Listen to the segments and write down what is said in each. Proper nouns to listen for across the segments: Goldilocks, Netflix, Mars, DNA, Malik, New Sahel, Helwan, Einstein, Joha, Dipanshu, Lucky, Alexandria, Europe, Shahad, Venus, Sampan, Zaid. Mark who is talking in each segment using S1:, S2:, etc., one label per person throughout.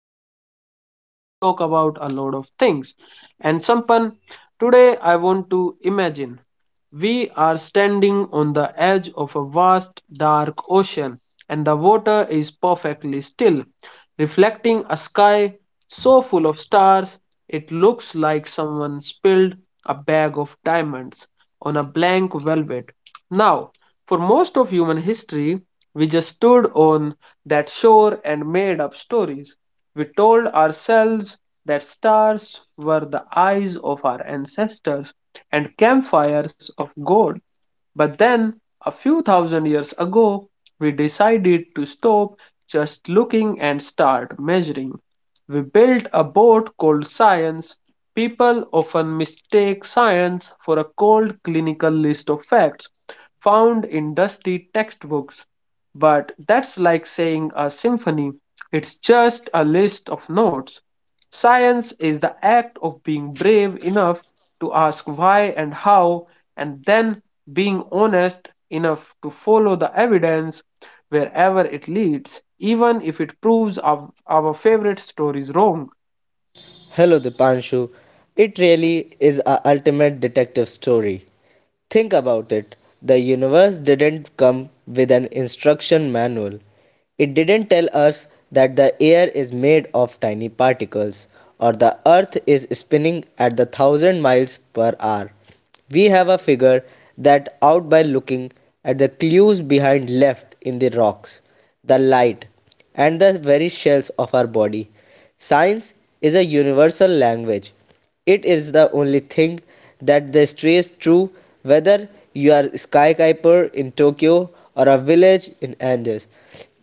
S1: podcast space. Here we talk about a lot of things. And Sampan, today I want to imagine. We are standing on the edge of a vast dark ocean, and the water is perfectly still, reflecting a sky so full of stars it looks like someone spilled a bag of diamonds on a blank velvet. Now, for most of human history, we just stood on that shore and made up stories. We told ourselves that stars were the eyes of our ancestors and campfires of gold. But then, a few thousand years ago, we decided to stop just looking and start measuring. We built a boat called science. People often mistake science for a cold clinical list of facts found in dusty textbooks. But that's like saying a symphony it's just a list of notes. Science is the act of being brave enough to ask why and how, and then being honest enough to follow the evidence wherever it leads, even if it proves our favorite stories wrong.
S2: Hello, Dipanshu. It really is a ultimate detective story. Think about it. The universe didn't come with an instruction manual. It didn't tell us that the air is made of tiny particles or the earth is spinning at the 1,000 miles per hour. We have a figure that out by looking at the clues behind left in the rocks, the light, and the very shells of our body. Science is a universal language. It is the only thing that stays true whether you are a skyscraper in Tokyo or a village in Andes.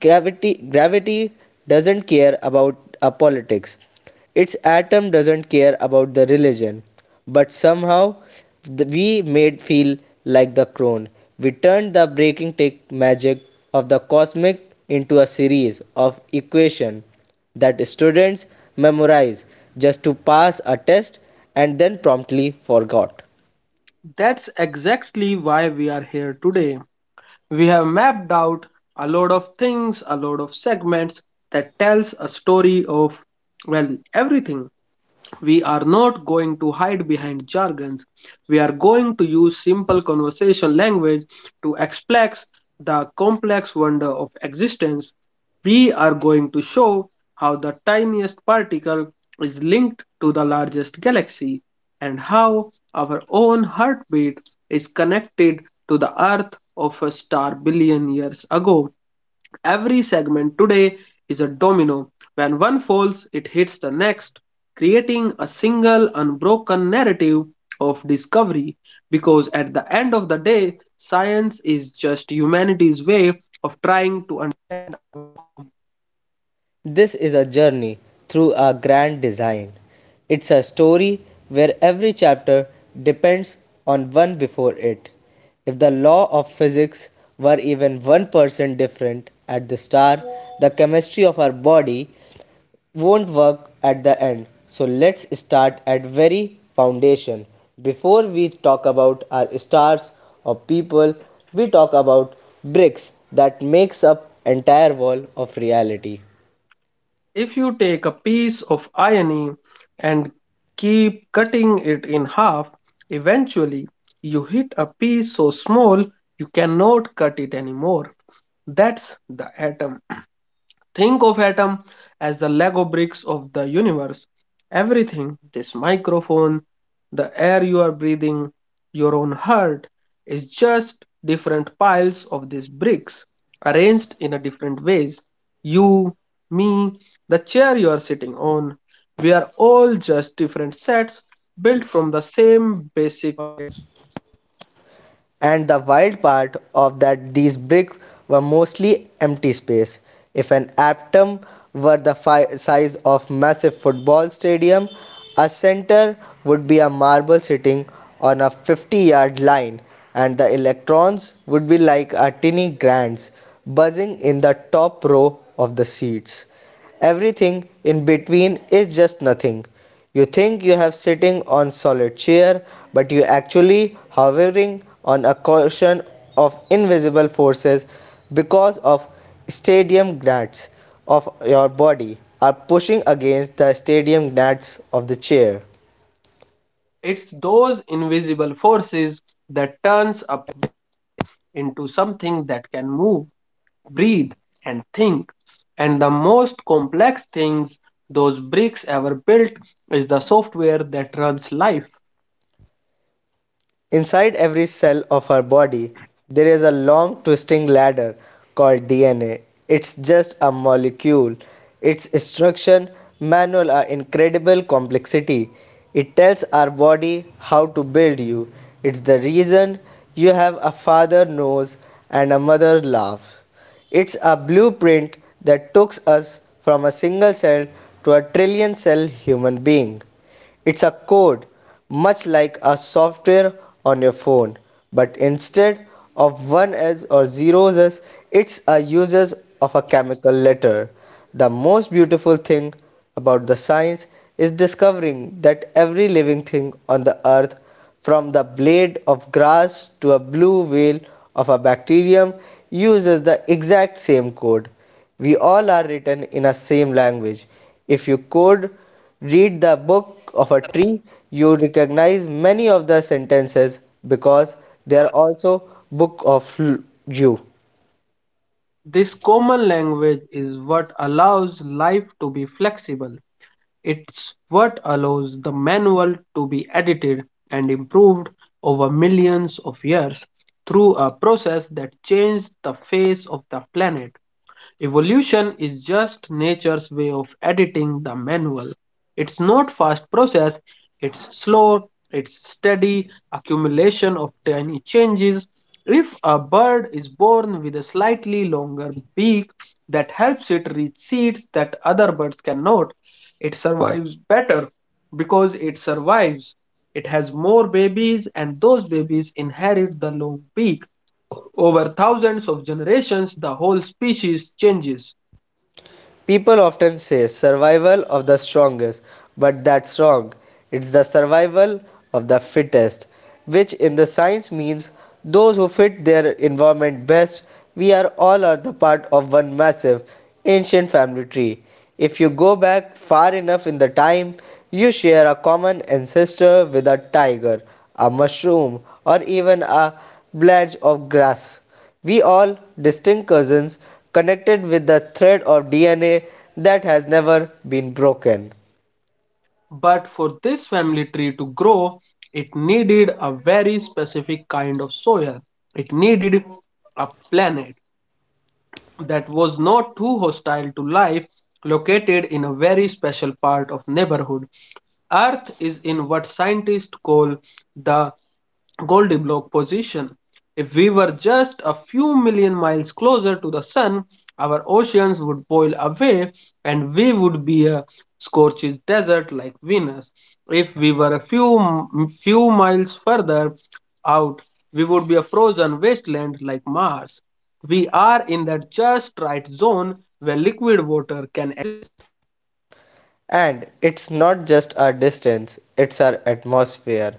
S2: Gravity doesn't care about a politics. Its atom doesn't care about the religion. But somehow we made feel like the crone. We turned the breaking tech magic of the cosmic into a series of equation that students memorize just to pass a test and then promptly forgot.
S1: That's exactly why we are here today. We have mapped out a lot of things, a lot of segments that tells a story of well everything. We are not going to hide behind jargons. We are going to use simple conversational language to express the complex wonder of existence. We are going to show how the tiniest particle is linked to the largest galaxy and how our own heartbeat is connected to the earth of a star billion years ago. Every segment today is a domino. When one falls, it hits the next, creating a single unbroken narrative of discovery. Because at the end of the day, science is just humanity's way of trying to.
S2: This is a journey through a grand design. It's a story where every chapter depends on one before it. If the law of physics were even 1% different at the star, the chemistry of our body won't work at the end, so let's start at very foundation before we talk about our stars or people we talk about bricks that makes up entire wall of reality.
S1: If you take a piece of irony and keep cutting it in half, eventually you hit a piece so small you cannot cut it anymore. That's the atom. Think of atom as the Lego bricks of the universe. Everything, this microphone, the air you are breathing, your own heart, is just different piles of these bricks arranged in a different ways. You, me, the chair you are sitting on, we are all just different sets built from the same basic.
S2: And the wild part of that these bricks were mostly empty space. If an atom were the size of massive football stadium, a center would be a marble sitting on a 50-yard line and the electrons would be like a tiny grands buzzing in the top row of the seats. Everything in between is just nothing. You think you have sitting on solid chair but you actually hovering on a cushion of invisible forces because of stadium gnats of your body are pushing against the stadium gnats of the chair.
S1: It's those invisible forces that turns up into something that can move, breathe, and think. And the most complex things those bricks ever built is the software that runs life.
S2: Inside every cell of our body, there is a long twisting ladder called DNA. It's just a molecule. Its instruction manual are incredible complexity. It tells our body how to build you. It's the reason you have a father nose and a mother laugh. It's a blueprint that took us from a single cell to a trillion cell human being. It's a code, much like a software on your phone, but instead of ones or zeros, it's a uses of a chemical letter. The most beautiful thing about the science is discovering that every living thing on the earth, from the blade of grass to a blue whale of a bacterium, uses the exact same code. We all are written in a same language. If you could read the book of a tree, you recognize many of the sentences because they are also book of you.
S1: This common language is what allows life to be flexible. It's what allows the manual to be edited and improved over millions of years through a process that changed the face of the planet. Evolution is just nature's way of editing the manual. It's not fast process, it's slow, it's steady accumulation of tiny changes. If a bird is born with a slightly longer beak that helps it reach seeds that other birds cannot, it survives better because it survives. It has more babies, and those babies inherit the long beak. Over thousands of generations, the whole species changes.
S2: People often say survival of the strongest, but that's wrong. It's the survival of the fittest, which in the science means those who fit their environment best. We are all are the part of one massive ancient family tree. If you go back far enough in the time, you share a common ancestor with a tiger, a mushroom, or even a blade of grass. We all distinct cousins connected with the thread of DNA that has never been broken.
S1: But for this family tree to grow, it needed a very specific kind of soil. It needed a planet that was not too hostile to life, located in a very special part of neighborhood. Earth is in what scientists call the Goldilocks position. If we were just a few million miles closer to the sun, our oceans would boil away and we would be a scorched desert like Venus. If we were a few miles further out, we would be a frozen wasteland like Mars. We are in that just right zone where liquid water can.
S2: And it's not just our distance, it's our atmosphere.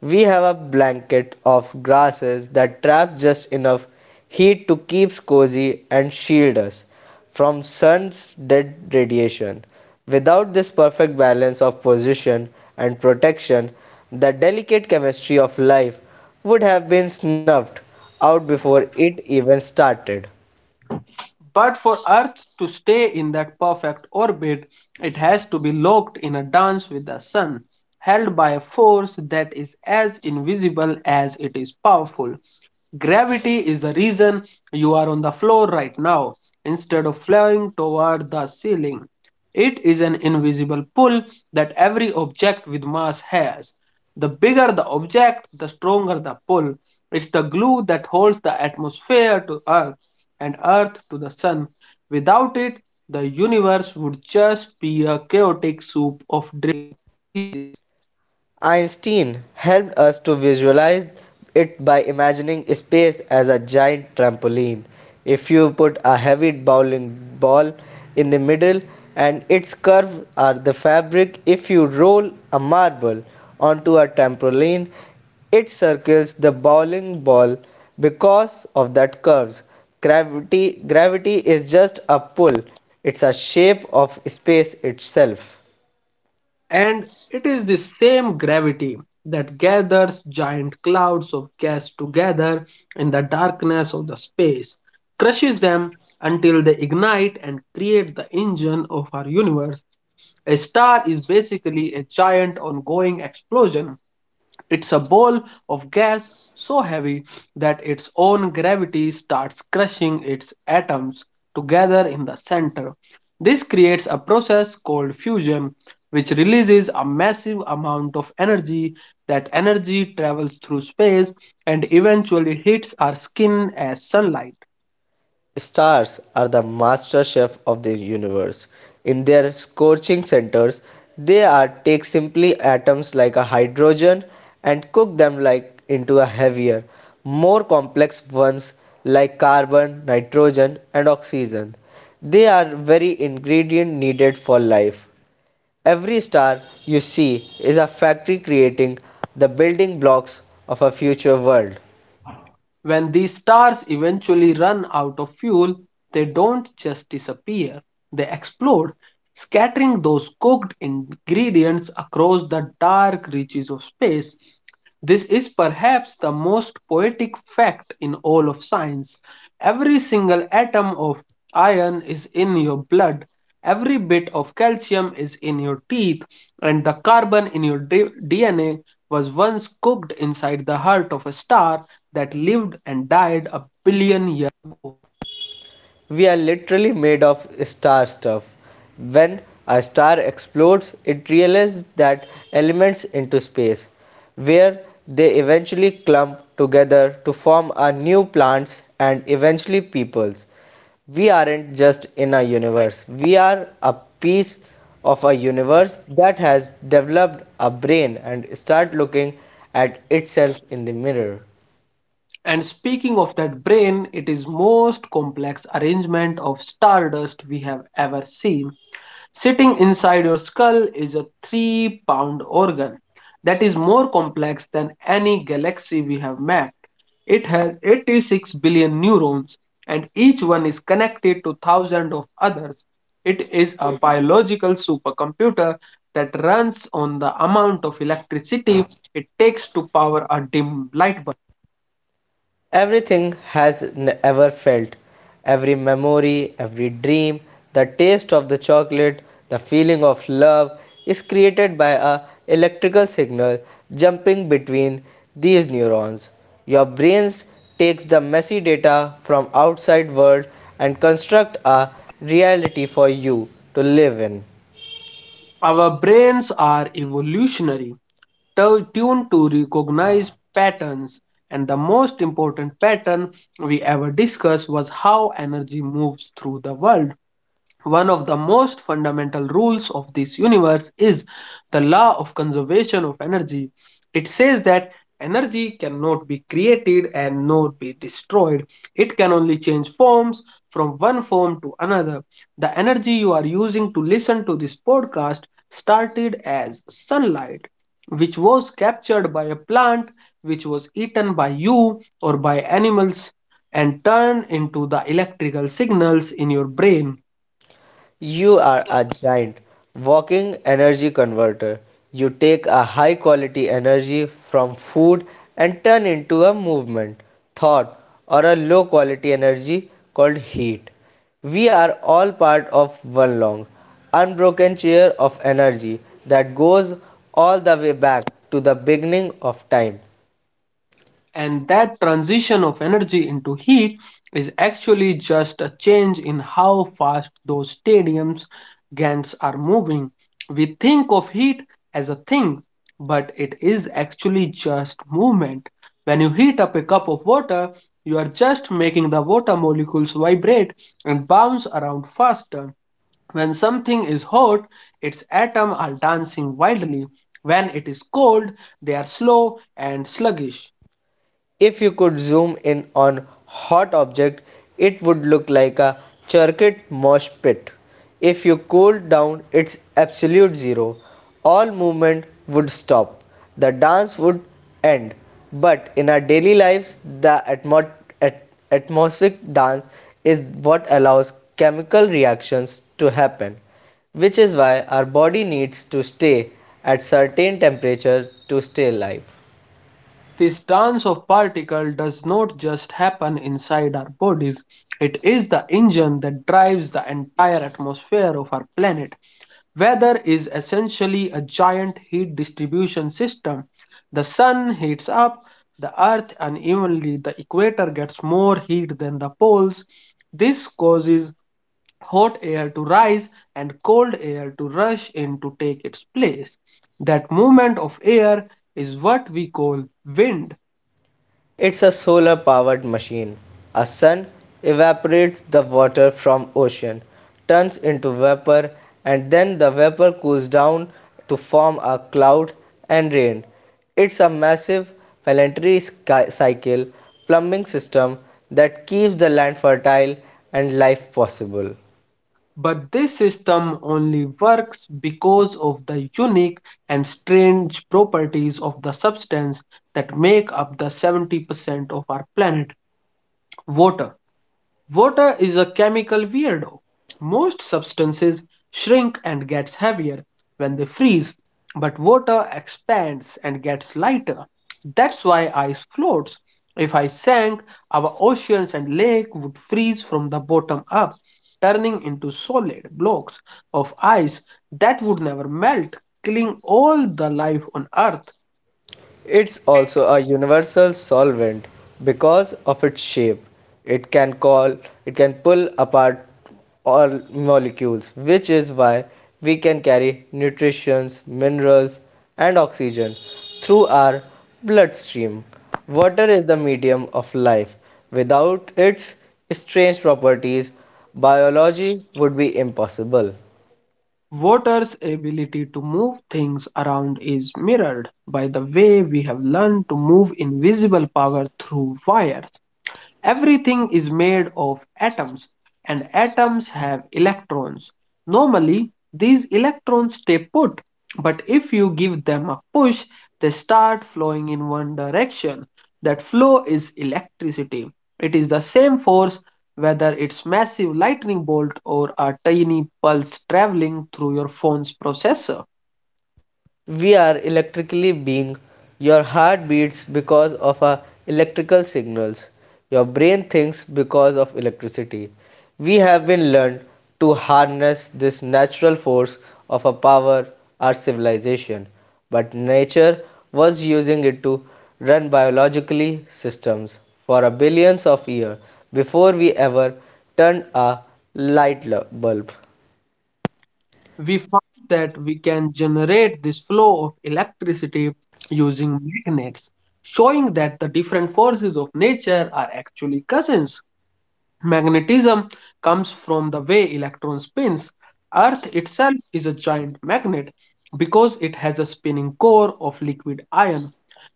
S2: We have a blanket of grasses that traps just enough heat to keep us cozy and shield us from sun's dead radiation. Without this perfect balance of position and protection, the delicate chemistry of life would have been snuffed out before it even started.
S1: But for Earth to stay in that perfect orbit, it has to be locked in a dance with the sun, held by a force that is as invisible as it is powerful. Gravity is the reason you are on the floor right now instead of flying toward the ceiling. It is an invisible pull that every object with mass has. The bigger the object, the stronger the pull. It's the glue that holds the atmosphere to Earth and Earth to the Sun. Without it, the universe would just be a chaotic soup of death.
S2: Einstein helped us to visualize it by imagining space as a giant trampoline. If you put a heavy bowling ball in the middle and its curves are the fabric, if you roll a marble onto a trampoline, it circles the bowling ball because of that curves. Gravity is just a pull. It's a shape of space itself.
S1: And it is this same gravity that gathers giant clouds of gas together in the darkness of the space, crushes them until they ignite and create the engine of our universe. A star is basically a giant ongoing explosion. It's a ball of gas so heavy that its own gravity starts crushing its atoms together in the center. This creates a process called fusion, which releases a massive amount of energy. That energy travels through space and eventually hits our skin as sunlight.
S2: Stars are the master chef of the universe. In their scorching centers, they are take simply atoms like a hydrogen and cook them like into a heavier, more complex ones like carbon, nitrogen and oxygen. They are very ingredient needed for life. Every star you see is a factory creating the building blocks of a future world.
S1: When these stars eventually run out of fuel, they don't just disappear, they explode, scattering those cooked ingredients across the dark reaches of space. This is perhaps the most poetic fact in all of science. Every single atom of iron is in your blood, every bit of calcium is in your teeth, and the carbon in your DNA was once cooked inside the heart of a star that lived and died a billion years.
S2: We are literally made of star stuff. When a star explodes, it releases that elements into space, where they eventually clump together to form a new plants and eventually peoples. We aren't just in a universe, we are a piece of a universe that has developed a brain and start looking at itself in the mirror.
S1: And speaking of that brain, it is most complex arrangement of stardust we have ever seen. Sitting inside your skull is a 3-pound organ that is more complex than any galaxy we have mapped. It has 86 billion neurons, and each one is connected to thousands of others. It is a biological supercomputer that runs on the amount of electricity it takes to power a dim light bulb.
S2: Everything has ever felt, every memory, every dream, the taste of the chocolate, the feeling of love is created by a electrical signal jumping between these neurons. Your brain takes the messy data from outside world and construct a reality for you to live in.
S1: Our brains are evolutionary tuned to recognize patterns. And the most important pattern we ever discussed was how energy moves through the world. One of the most fundamental rules of this universe is the law of conservation of energy. It says that energy cannot be created and nor be destroyed. It can only change forms from one form to another. The energy you are using to listen to this podcast started as sunlight, which was captured by a plant, which was eaten by you or by animals, and turned into the electrical signals in your brain.
S2: You are a giant walking energy converter. You take a high quality energy from food and turn into a movement, thought, or a low quality energy called heat. We are all part of one long, unbroken chain of energy that goes all the way back to the beginning of time.
S1: And that transition of energy into heat is actually just a change in how fast those stadiums GANs are moving. We think of heat as a thing, but it is actually just movement. When you heat up a cup of water, you are just making the water molecules vibrate and bounce around faster. When something is hot, its atoms are dancing wildly. When it is cold, they are slow and sluggish.
S2: If you could zoom in on hot object, it would look like a circuit mosh pit. If you cooled down its absolute zero, all movement would stop. The dance would end. But in our daily lives, the at- atmospheric dance is what allows chemical reactions to happen, which is why our body needs to stay at certain temperature to stay alive.
S1: This dance of particles does not just happen inside our bodies. It is the engine that drives the entire atmosphere of our planet. Weather is essentially a giant heat distribution system. The sun heats up the earth unevenly. The equator gets more heat than the poles. This causes hot air to rise and cold air to rush in to take its place. That movement of air is what we call wind.
S2: It's a solar powered machine. A sun evaporates the water from ocean, turns into vapor and then the vapor cools down to form a cloud and rain. It's a massive planetary cycle plumbing system that keeps the land fertile and life possible.
S1: But this system only works because of the unique and strange properties of the substance that make up the 70% of our planet water. Water is a chemical weirdo. Most substances shrink and gets heavier when they freeze, but water expands and gets lighter. That's why ice floats. If I sank, our oceans and lake would freeze from the bottom up, turning into solid blocks of ice that would never melt, killing all the life on earth.
S2: It's also a universal solvent because of its shape. It can call it can pull apart all molecules, which is why we can carry nutrients, minerals and oxygen through our bloodstream. Water is the medium of life. Without its strange properties, biology would be impossible.
S1: Water's ability to move things around is mirrored by the way we have learned to move invisible power through wires. Everything is made of atoms, and atoms have electrons. Normally, these electrons stay put, but if you give them a push, they start flowing in one direction. That flow is electricity. It is the same force whether it's massive lightning bolt or a tiny pulse traveling through your phone's processor.
S2: We are electrically being. Your heart beats because of our electrical signals. Your brain thinks because of electricity. We have been learned to harness this natural force of our power, our civilization, but nature was using it to run biologically systems for a billions of years before we ever turned a light bulb.
S1: We found that we can generate this flow of electricity using magnets, showing that the different forces of nature are actually cousins. Magnetism comes from the way electron spins. Earth itself is a giant magnet because it has a spinning core of liquid iron.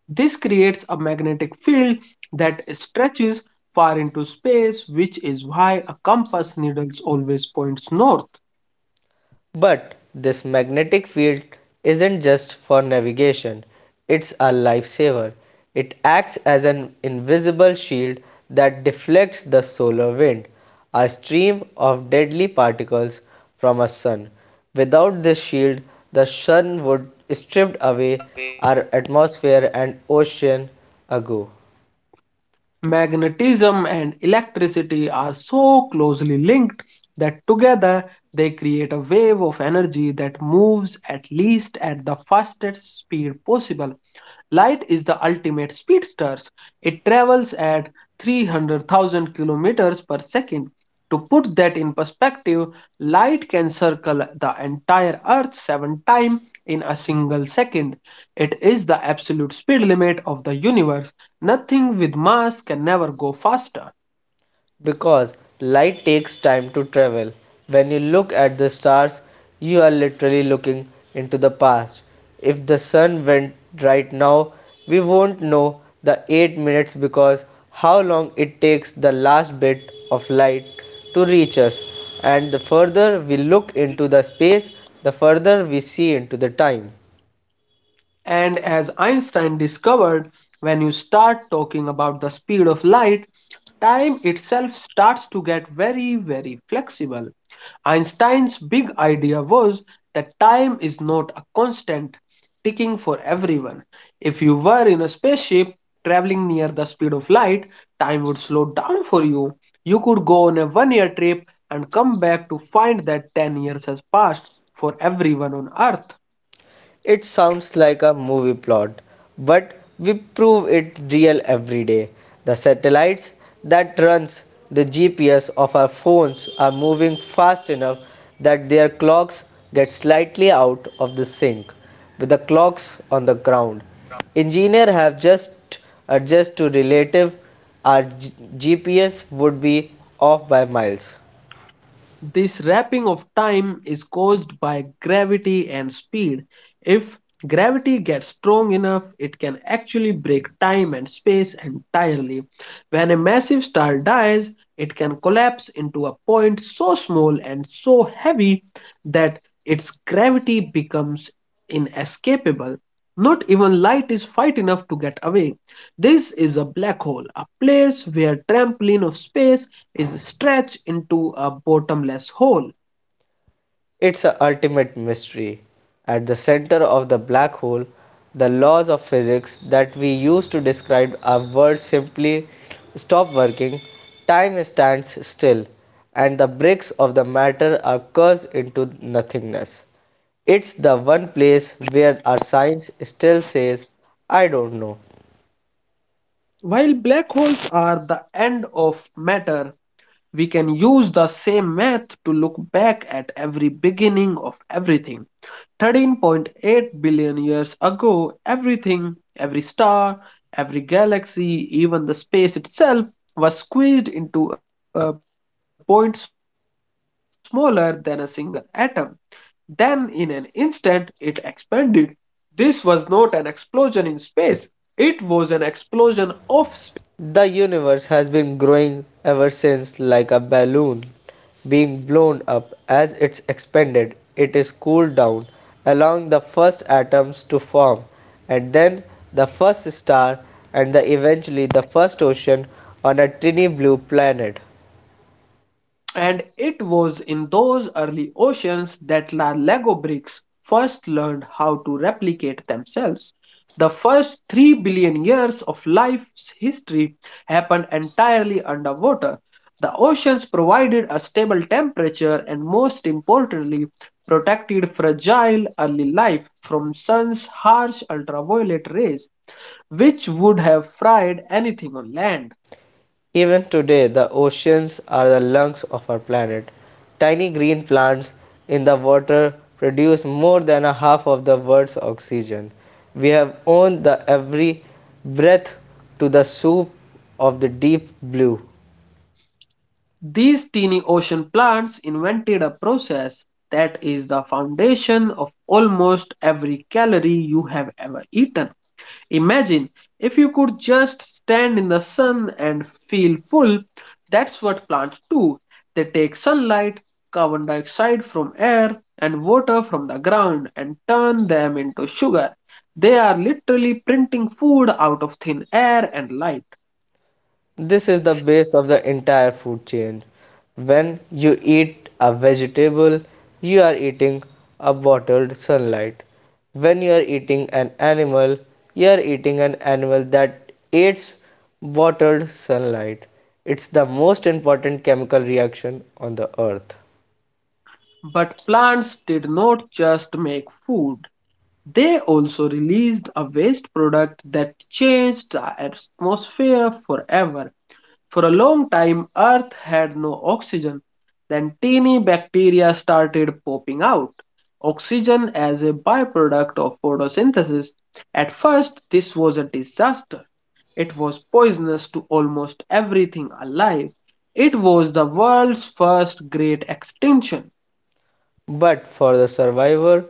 S1: This creates a magnetic field that stretches far into space, which is why a compass needle always points north.
S2: But this magnetic field isn't just for navigation, it's a lifesaver. It acts as an invisible shield that deflects the solar wind, a stream of deadly particles from a sun. Without this shield, the sun would stripped away our atmosphere and ocean ago.
S1: Magnetism and electricity are so closely linked that together they create a wave of energy that moves at least at the fastest speed possible. Light is the ultimate speedster. It travels at 300,000 kilometers per second. To put that in perspective, light can circle the entire Earth seven times in a single second. It is the absolute speed limit of the universe. Nothing with mass can ever go faster.
S2: Because light takes time to travel. When you look at the stars, you are literally looking into the past. If the sun went right now, we won't know the 8 minutes because how long it takes the last bit of light to reach us. And the further we look into the space, the further we see into the time.
S1: And as Einstein discovered, when you start talking about the speed of light, time itself starts to get very, very flexible. Einstein's big idea was that time is not a constant ticking for everyone. If you were in a spaceship traveling near the speed of light, time would slow down for you. You could go on a 1 year trip and come back to find that 10 years has passed for everyone on Earth.
S2: It sounds like a movie plot, but we prove it real every day. The satellites that runs the GPS of our phones are moving fast enough that their clocks get slightly out of the sync with the clocks on the ground. Engineers have just adjusted to relative our GPS would be off by miles.
S1: This wrapping of time is caused by gravity and speed. If gravity gets strong enough, it can actually break time and space entirely. When a massive star dies, it can collapse into a point so small and so heavy that its gravity becomes inescapable. Not even light is fight enough to get away. This is a black hole, a place where trampoline of space is stretched into a bottomless hole.
S2: It's an ultimate mystery. At the center of the black hole, the laws of physics that we use to describe our world simply stop working, time stands still, and the bricks of the matter are cast into nothingness. It's the one place where our science still says, I don't know.
S1: While black holes are the end of matter, we can use the same math to look back at every beginning of everything. 13.8 billion years ago, everything, every star, every galaxy, even the space itself, was squeezed into a point smaller than a single atom. Then, in an instant, it expanded. This was not an explosion in space, it was an explosion of.
S2: The universe has been growing ever since, like a balloon being blown up. As it's expanded, it is cooled down, allowing the first atoms to form, and then the first star, and the eventually the first ocean on a tiny blue planet.
S1: And it was in those early oceans that La Lego bricks first learned how to replicate themselves. The first 3 billion years of life's history happened entirely underwater. The oceans provided a stable temperature and, most importantly, protected fragile early life from sun's harsh ultraviolet rays, which would have fried anything on land.
S2: Even today, the oceans are the lungs of our planet. Tiny green plants in the water produce more than a half of the world's oxygen. We have owned the every breath to the soup of the deep blue.
S1: These teeny ocean plants invented a process that is the foundation of almost every calorie you have ever eaten. Imagine if you could just stand in the sun and feel full. That's what plants do. They take sunlight, carbon dioxide from air, and water from the ground and turn them into sugar. They are literally printing food out of thin air and light.
S2: This is the base of the entire food chain. When you eat a vegetable, you are eating a bottled sunlight. When you are eating an animal, you are eating an animal that eats bottled sunlight. It's the most important chemical reaction on the earth.
S1: But plants did not just make food. They also released a waste product that changed the atmosphere forever. For a long time, Earth had no oxygen. Then tiny bacteria started popping out. Oxygen as a byproduct of photosynthesis. At first, this was a disaster. It was poisonous to almost everything alive. It was the world's first great extinction.
S2: But for the survivor,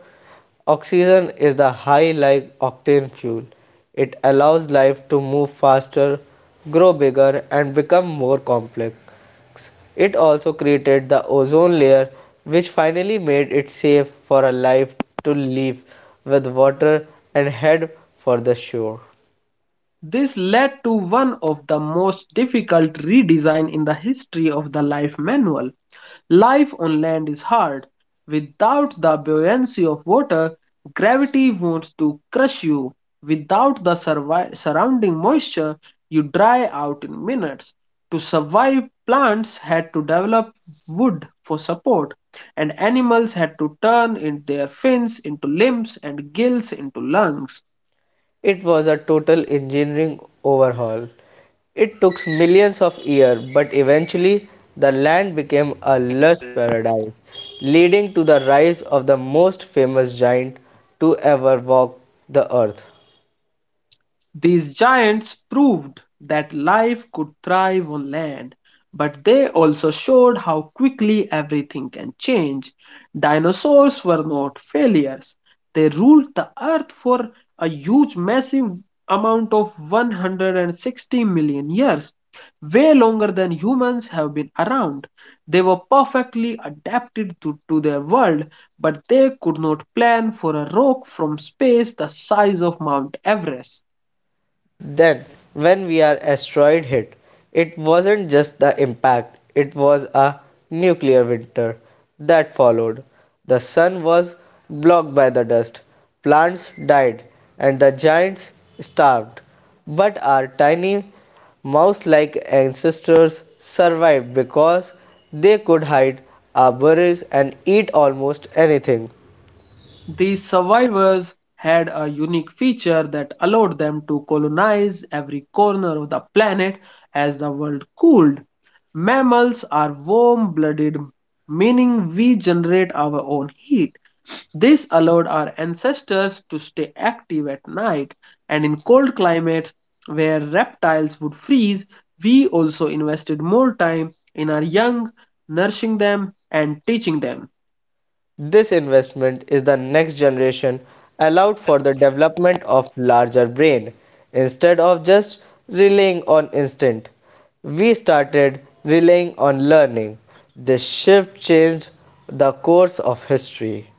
S2: oxygen is the high like octane fuel. It allows life to move faster, grow bigger, and become more complex. It also created the ozone layer, which finally made it safe for a life to live with water and head for the shore.
S1: This led to one of the most difficult redesigns in the history of the life manual. Life on land is hard. Without the buoyancy of water, gravity wants to crush you. Without the surrounding moisture, you dry out in minutes. To survive, plants had to develop wood for support, and animals had to turn in their fins into limbs and gills into lungs.
S2: It was a total engineering overhaul. It took millions of years, but eventually the land became a lush paradise, leading to the rise of the most famous giant to ever walk the earth.
S1: These giants proved that life could thrive on land, but they also showed how quickly everything can change. Dinosaurs were not failures, they ruled the earth for a huge, massive amount of 160 million years, way longer than humans have been around. They were perfectly adapted to their world, but they could not plan for a rock from space the size of Mount Everest.
S2: Then, when we are asteroid hit, it wasn't just the impact, it was a nuclear winter that followed. The sun was blocked by the dust, plants died, and the giants starved. But our tiny mouse like ancestors survived because they could hide our berries and eat almost anything.
S1: These survivors had a unique feature that allowed them to colonize every corner of the planet as the world cooled. Mammals are warm blooded, meaning we generate our own heat. This allowed our ancestors to stay active at night, and in cold climates where reptiles would freeze, we also invested more time in our young, nourishing them and teaching them.
S2: This investment is the next generation allowed for the development of larger brain instead of just relying on instinct. We started relying on learning. This shift changed the course of history.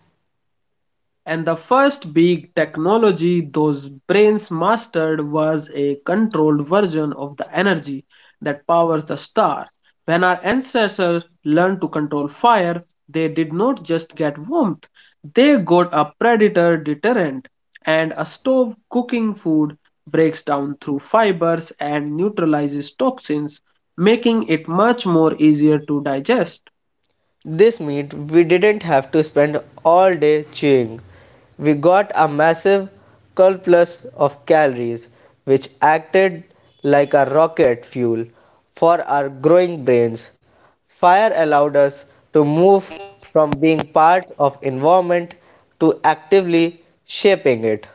S1: And the first big technology those brains mastered was a controlled version of the energy that powers the star. When our ancestors learned to control fire, they did not just get warmth, they got a predator deterrent. And a stove cooking food breaks down through fibers and neutralizes toxins, making it much more easier to digest.
S2: This meant we didn't have to spend all day chewing. We got a massive surplus of calories, which acted like a rocket fuel for our growing brains. Fire allowed us to move from being part of environment to actively shaping it.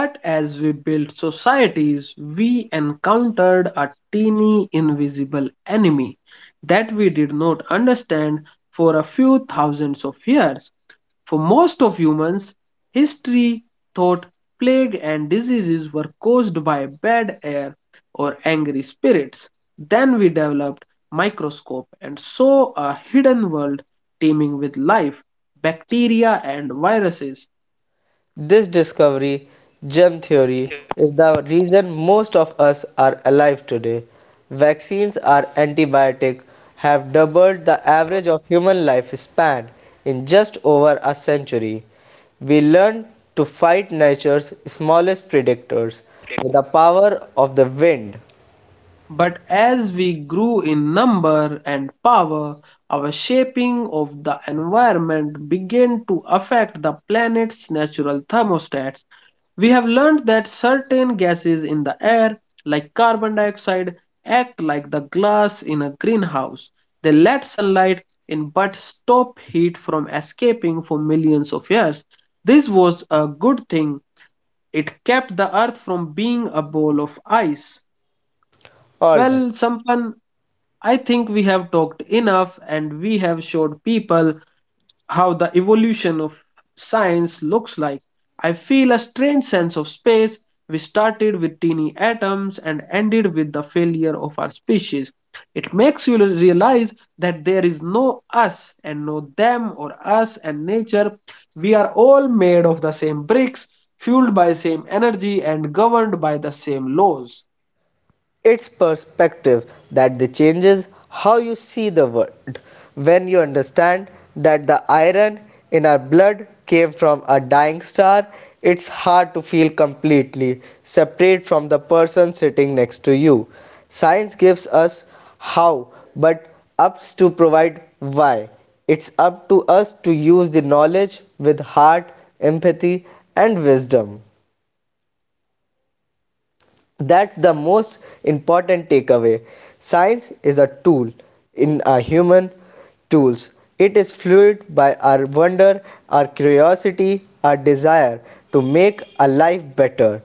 S1: But as we built societies, we encountered a teeny invisible enemy that we did not understand for a few thousands of years. For most of humans, history thought plague and diseases were caused by bad air or angry spirits. Then we developed microscope and saw a hidden world teeming with life, bacteria and viruses.
S2: This discovery, germ theory, is the reason most of us are alive today. Vaccines are antibiotic have doubled the average of human lifespan in just over a century. We learned to fight nature's smallest predators with the power of the wind.
S1: But as we grew in number and power, our shaping of the environment began to affect the planet's natural thermostats. We have learned that certain gases in the air, like carbon dioxide, act like the glass in a greenhouse. They let sunlight in but stop heat from escaping for millions of years. This was a good thing. It kept the earth from being a ball of ice.
S2: All right.
S1: Well, Sampan, I think we have talked enough and we have showed people how the evolution of science looks like. I feel a strange sense of space. We started with teeny atoms and ended with the failure of our species. It makes you realize that there is no us and no them or us and nature. We are all made of the same bricks, fueled by same energy and governed by the same laws.
S2: It's perspective that the changes how you see the world. When you understand that the iron in our blood came from a dying star, it's hard to feel completely separate from the person sitting next to you. Science gives us how, but ups to provide why. It's up to us to use the knowledge with heart, empathy, and wisdom. That's the most important takeaway. Science is a tool in our human tools. It is fueled by our wonder, our curiosity, our desire to make a life better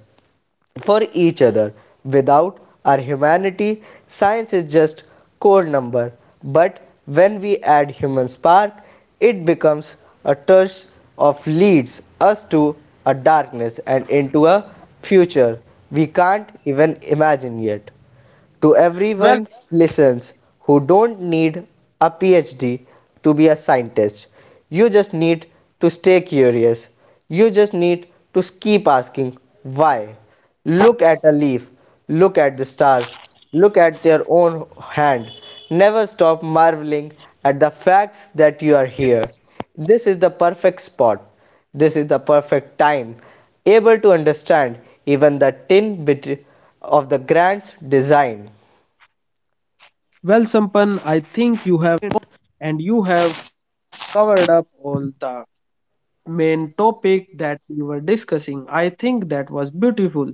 S2: for each other. Without our humanity, science is just cold number. But when we add human spark, it becomes a touch of leads us to a darkness and into a future we can't even imagine yet. To everyone
S1: Well,
S2: listens who don't need a PhD to be a scientist. You just need to stay curious. You just need to keep asking why. Look at a leaf, look at the stars, look at your own hand. Never stop marveling at the facts that you are here. This is the perfect spot. This is the perfect time, able to understand even the tin bit of the grand's design.
S1: Well, Sampan, I think you have and you have covered up all the main topic that we were discussing. I think that was beautiful.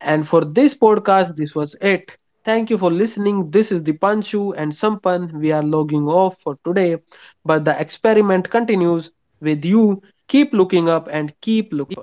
S1: And for this podcast, this was it. Thank you for listening. This is the Dipanshu and Sampan. We are logging off for today, but the experiment continues with you. Keep looking up and keep looking.